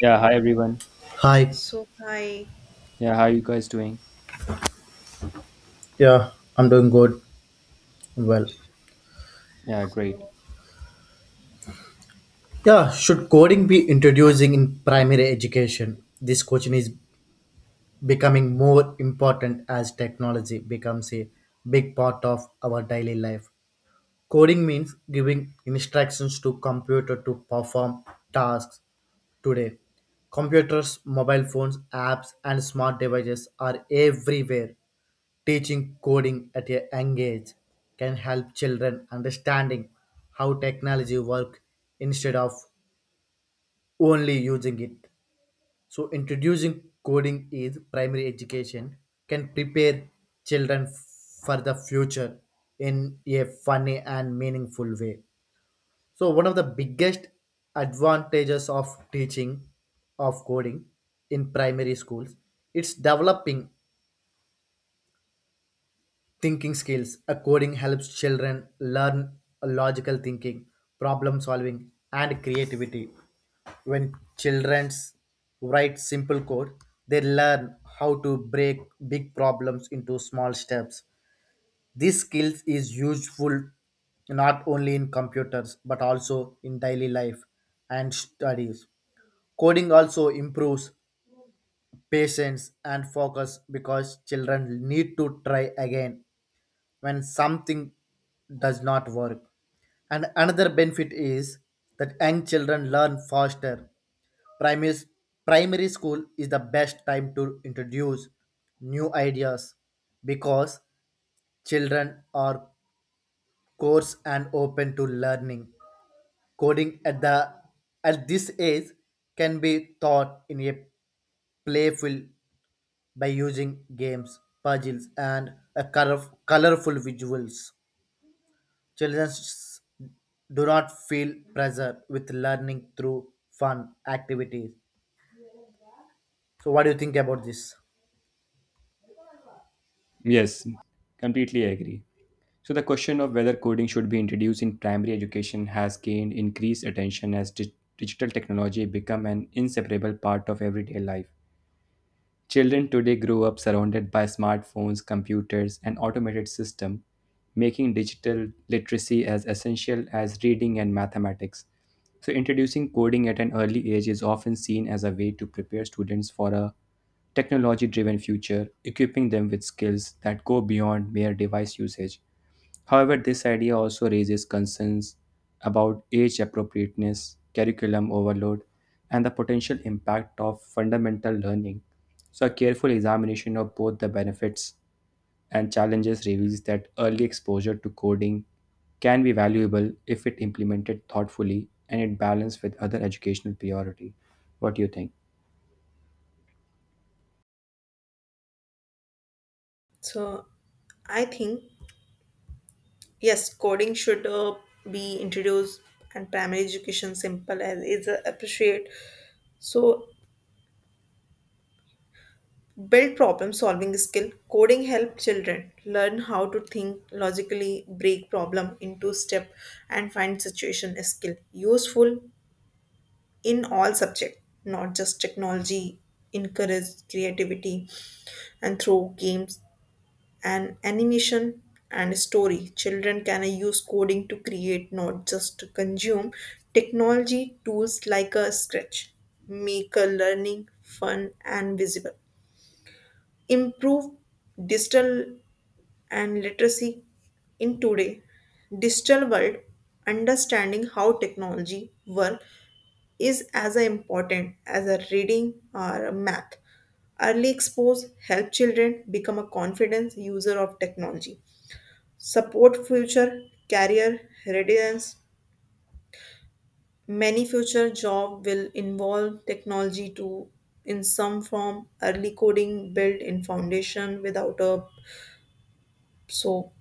Yeah, hi everyone. Hi, So hi. Yeah, how you guys doing? yeah, I'm doing good. Well, Yeah, great. So yeah, should coding be introducing in primary education? This question is becoming more important as technology becomes a big part of our daily life. Coding means giving instructions to computer to perform tasks today. Computers, mobile phones, apps, and smart devices are everywhere. Teaching coding at a young age can help children understanding how technology work instead of only using it. So introducing coding is primary education can prepare children for the future in a funny and meaningful way. So one of the biggest advantages of teaching of coding in primary schools it's developing thinking skills. A coding helps children learn logical thinking, problem solving, and creativity. When children write simple code, they learn how to break big problems into small steps. This skill is useful not only in computers but also in daily life and studies. Coding also improves patience and focus because children need to try again when something does not work. And another benefit is that young children learn faster. Primary, primary school is the best time to introduce new ideas because children are coarse and open to learning. Coding at this age can be taught in a playful by using games, puzzles, and colorful visuals. Children s- do not feel pressure with learning through fun activities. So, what do you think about this? Yes, completely agree. So the question of whether coding should be introduced in primary education has gained increased attention as digital technology become an inseparable part of everyday life. Children today grow up surrounded by smartphones, computers, and automated systems, making digital literacy as essential as reading and mathematics. So introducing coding at an early age is often seen as a way to prepare students for a technology driven future, equipping them with skills that go beyond mere device usage. However, this idea also raises concerns about age appropriateness, curriculum overload, and the potential impact of fundamental learning. So, a careful examination of both the benefits and challenges reveals that early exposure to coding can be valuable if it implemented thoughtfully and it balanced with other educational priority. What do you think? so I think yes, coding should be introduced and primary education simple as is appreciate. So build problem solving skill. Coding help children learn how to think logically, break problem into step, and find situation skill useful in all subject, not just technology. Encourage creativity and through games and animation and story. Children can use coding to create, not just to consume. Technology tools like a Scratch make a learning fun and visible. Improve digital and literacy in today digital world. Understanding how technology work is as important as a reading or a math. Early expose help children become a confident user of technology support future career readiness. Many future job will involve technology to in some form. Early coding built in foundation without a so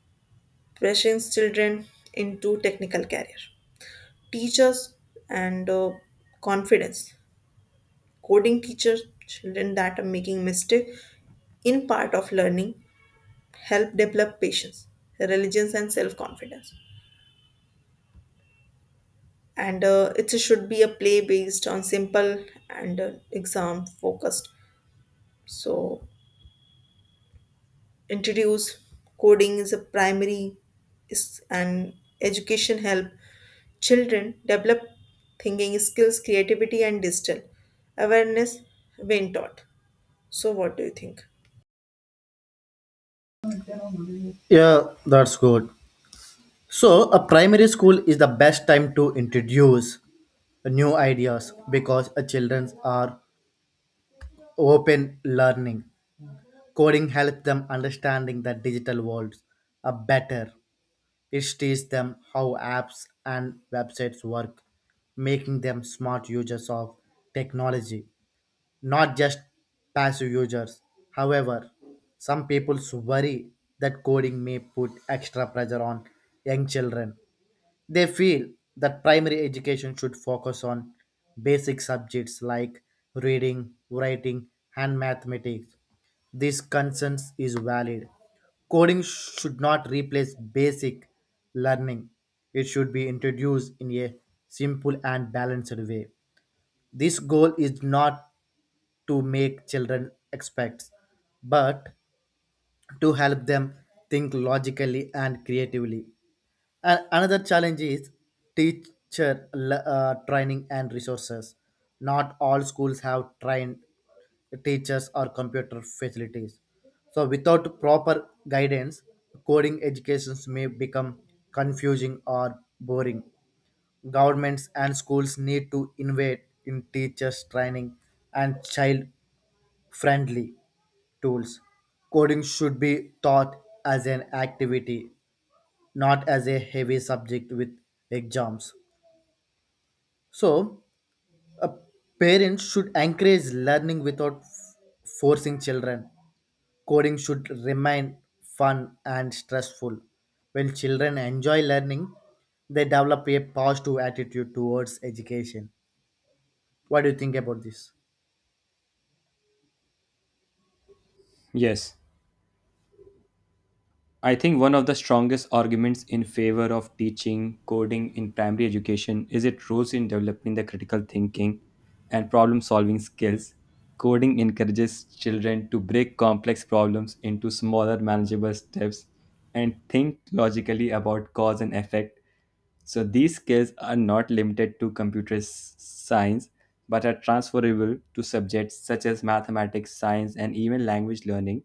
pressing children into technical career. Teachers and confidence. Coding teachers children that are making mistake in part of learning help develop patience, religions and self confidence. And it should be a play based on simple and exam focused so introduce coding is a primary is and education help children develop thinking skills creativity and digital awareness when taught. So what do you think? Yeah, that's good. So, a primary school is the best time to introduce new ideas because a children are open learning. Coding helps them understanding the digital world a better. It teaches them how apps and websites work, making them smart users of technology, not just passive users. However, some people worry that coding may put extra pressure on young children. They feel that primary education should focus on basic subjects like reading, writing, and mathematics. This concern is valid. Coding should not replace basic learning. It should be introduced in a simple and balanced way. This goal is not to make children expect, but to help them think logically and creatively. Another challenge is training and resources. Not all schools have trained teachers or computer facilities. So, without proper guidance, coding educations may become confusing or boring. Governments and schools need to invest in teachers' training and child friendly tools. Coding should be taught as an activity, not as a heavy subject with exams. So, a parent should encourage learning without forcing children. Coding should remain fun and stressful. When children enjoy learning, they develop a positive attitude towards education. What do you think about this? Yes. I think one of the strongest arguments in favor of teaching coding in primary education is its role in developing the critical thinking and problem solving skills. Coding encourages children to break complex problems into smaller, manageable steps and think logically about cause and effect, so these skills are not limited to science but are transferable to subjects such as mathematics, science, and even language learning.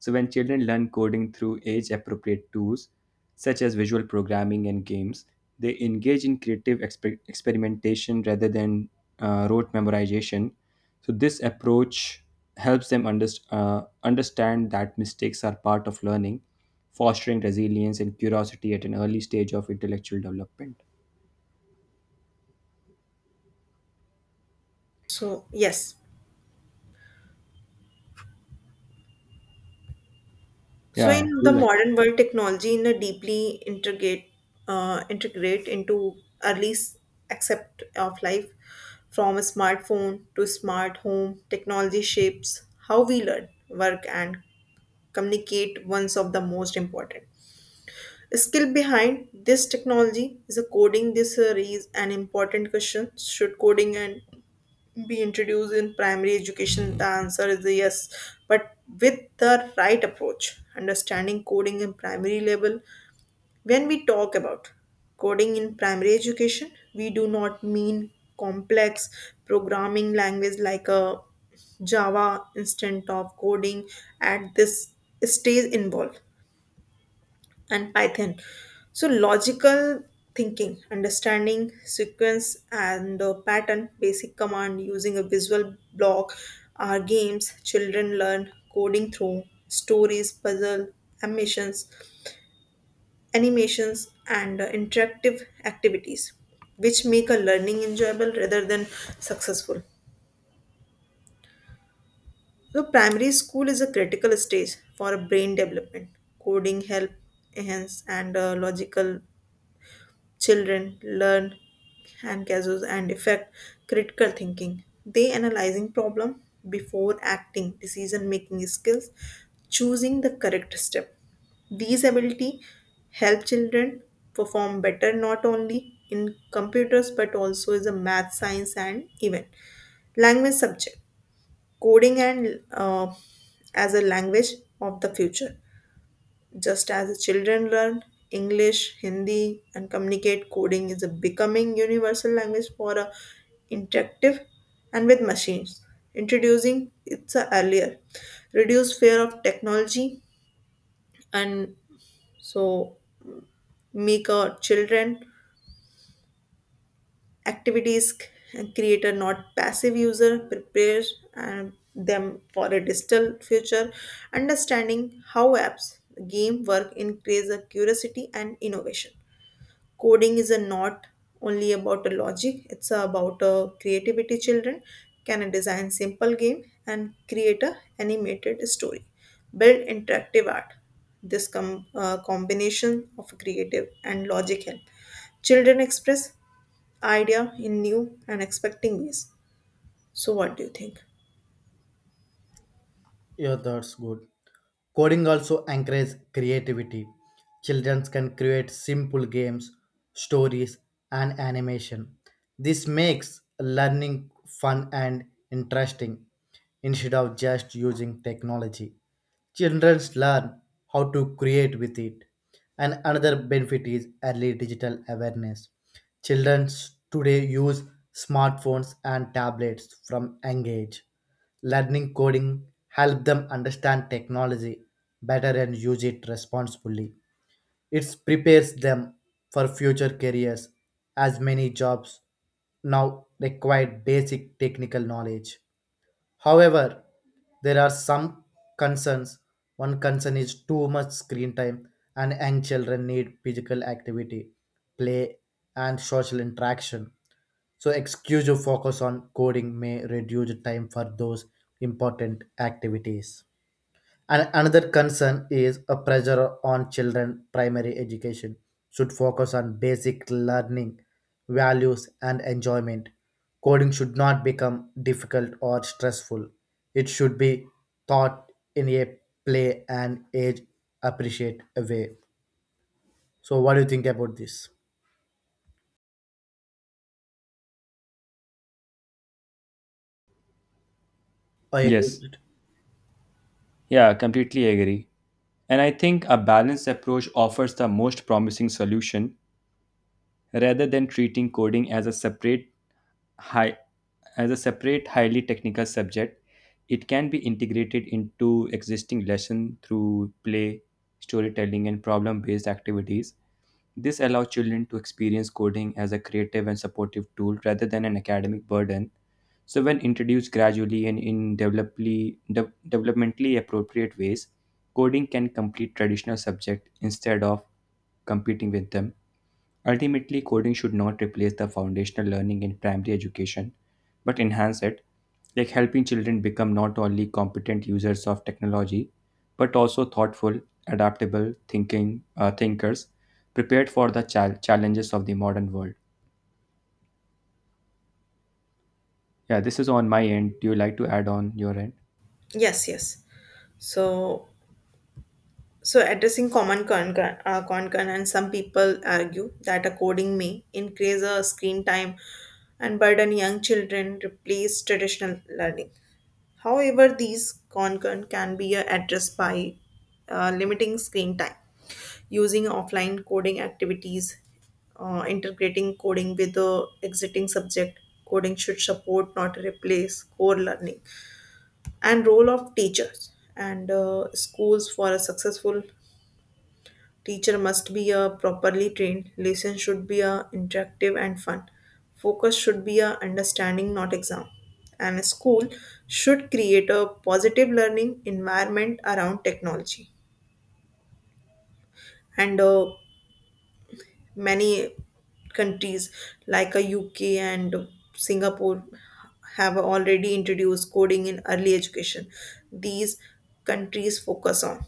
So when children learn coding through age appropriate tools such as visual programming and games, they engage in creative experimentation rather than rote memorization. So this approach helps them understand that mistakes are part of learning, fostering resilience and curiosity at an early stage of intellectual development. So yes. Yeah, So I in do the like, modern world, technology in a deeply integrate integrate into early s- accept of life, from a smartphone to smart home, technology shapes how we learn, work, and communicate. One's of the most important skill behind this technology is a coding. This is an important question. Should coding and be introduced in primary education? The answer is yes, but with the right approach understanding coding in primary level. When we talk about coding in primary education we do not mean complex programming language like a java instant of coding at this stage involved and Python. So, logical thinking, understanding sequence and pattern, basic command using a visual block are games children learn coding through stories, puzzle, animations, animations, and interactive activities, which make a learning enjoyable rather than successful. So, primary school is a critical stage for brain development. Coding help enhance and logical. Children learn and casus and effect critical thinking. They analyzing problem before acting, decision making skills, choosing the correct step. These ability help children perform better not only in computers but also as a math, science, and even language subject. Coding and as a language of the future. Just as children learn English, Hindi, and communicate, coding is a becoming universal language for a interactive and with machines. Introducing it's a earlier, reduce fear of technology, and so make our children activities and create a not passive user prepare and them for a digital future understanding how apps game work increase a curiosity and innovation. Coding is a not only about a logic, it's about a creativity. Children can design simple game and create a animated story build interactive art. This combination of creative and logic help children express idea in new and expecting ways. So what do you think? Yeah, that's good. Coding also encourages creativity. Children can create simple games, stories, and animation. This makes learning fun and interesting instead of just using technology. Children learn how to create with it. And another benefit is early digital awareness. Children today use smartphones and tablets from young age. Learning coding helps them understand technology better and use it responsibly. It prepares them for future careers as many jobs now require basic technical knowledge. However, there are some concerns. One concern is too much screen time, and young children need physical activity, play, and social interaction. So, excuse focus on coding may reduce time for those important activities. And another concern is a pressure on children. Primary education should focus on basic learning, values, and enjoyment. Coding should not become difficult or stressful. It should be taught in a play and age appreciate way. So, what do you think about this? I agree with yes, it. yeah, completely agree. And I think a balanced approach offers the most promising solution, rather than treating coding as a separate high as a separate highly technical subject. It can be integrated into existing lesson through play, storytelling, and problem-based activities. This allows children to experience coding as a creative and supportive tool rather than an academic burden. So, when introduced gradually and in developmentally appropriate ways, coding can complete traditional subjects instead of competing with them. Ultimately, coding should not replace the foundational learning in primary education, but enhance it, like helping children become not only competent users of technology, but also thoughtful, adaptable thinking thinkers, prepared for the challenges of the modern world. Yeah, this is on my end. Do you like to add on your end? Yes. So. So, addressing common concern, and some people argue that a coding may increase a screen time and burden young children, replace traditional learning. However, these concern can be addressed by limiting screen time, using offline coding activities, integrating coding with the exiting subject. Coding should support, not replace, core learning and role of teachers and schools for a successful. Teacher must be a properly trained. Lesson should be a interactive and fun. Focus should be a understanding, not exam. And a school should create a positive learning environment around technology. And many countries like a UK and Singapore have already introduced coding in early education. These countries focus on.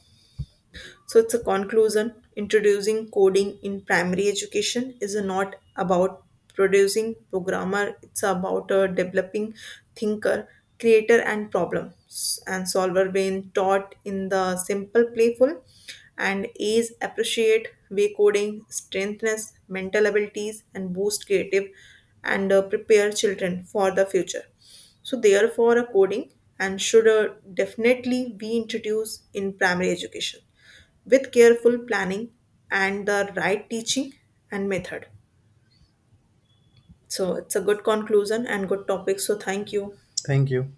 So it's a conclusion. Introducing coding in primary education is not about producing programmer. It's about a developing thinker, creator, and problem s- and solver brain taught in the simple, playful, and is appreciate way coding strengthens mental abilities and boost creative and prepare children for the future. So therefore a coding and should definitely be introduced in primary education with careful planning and the right teaching and method. So it's a good conclusion and good topic. So thank you. Thank you.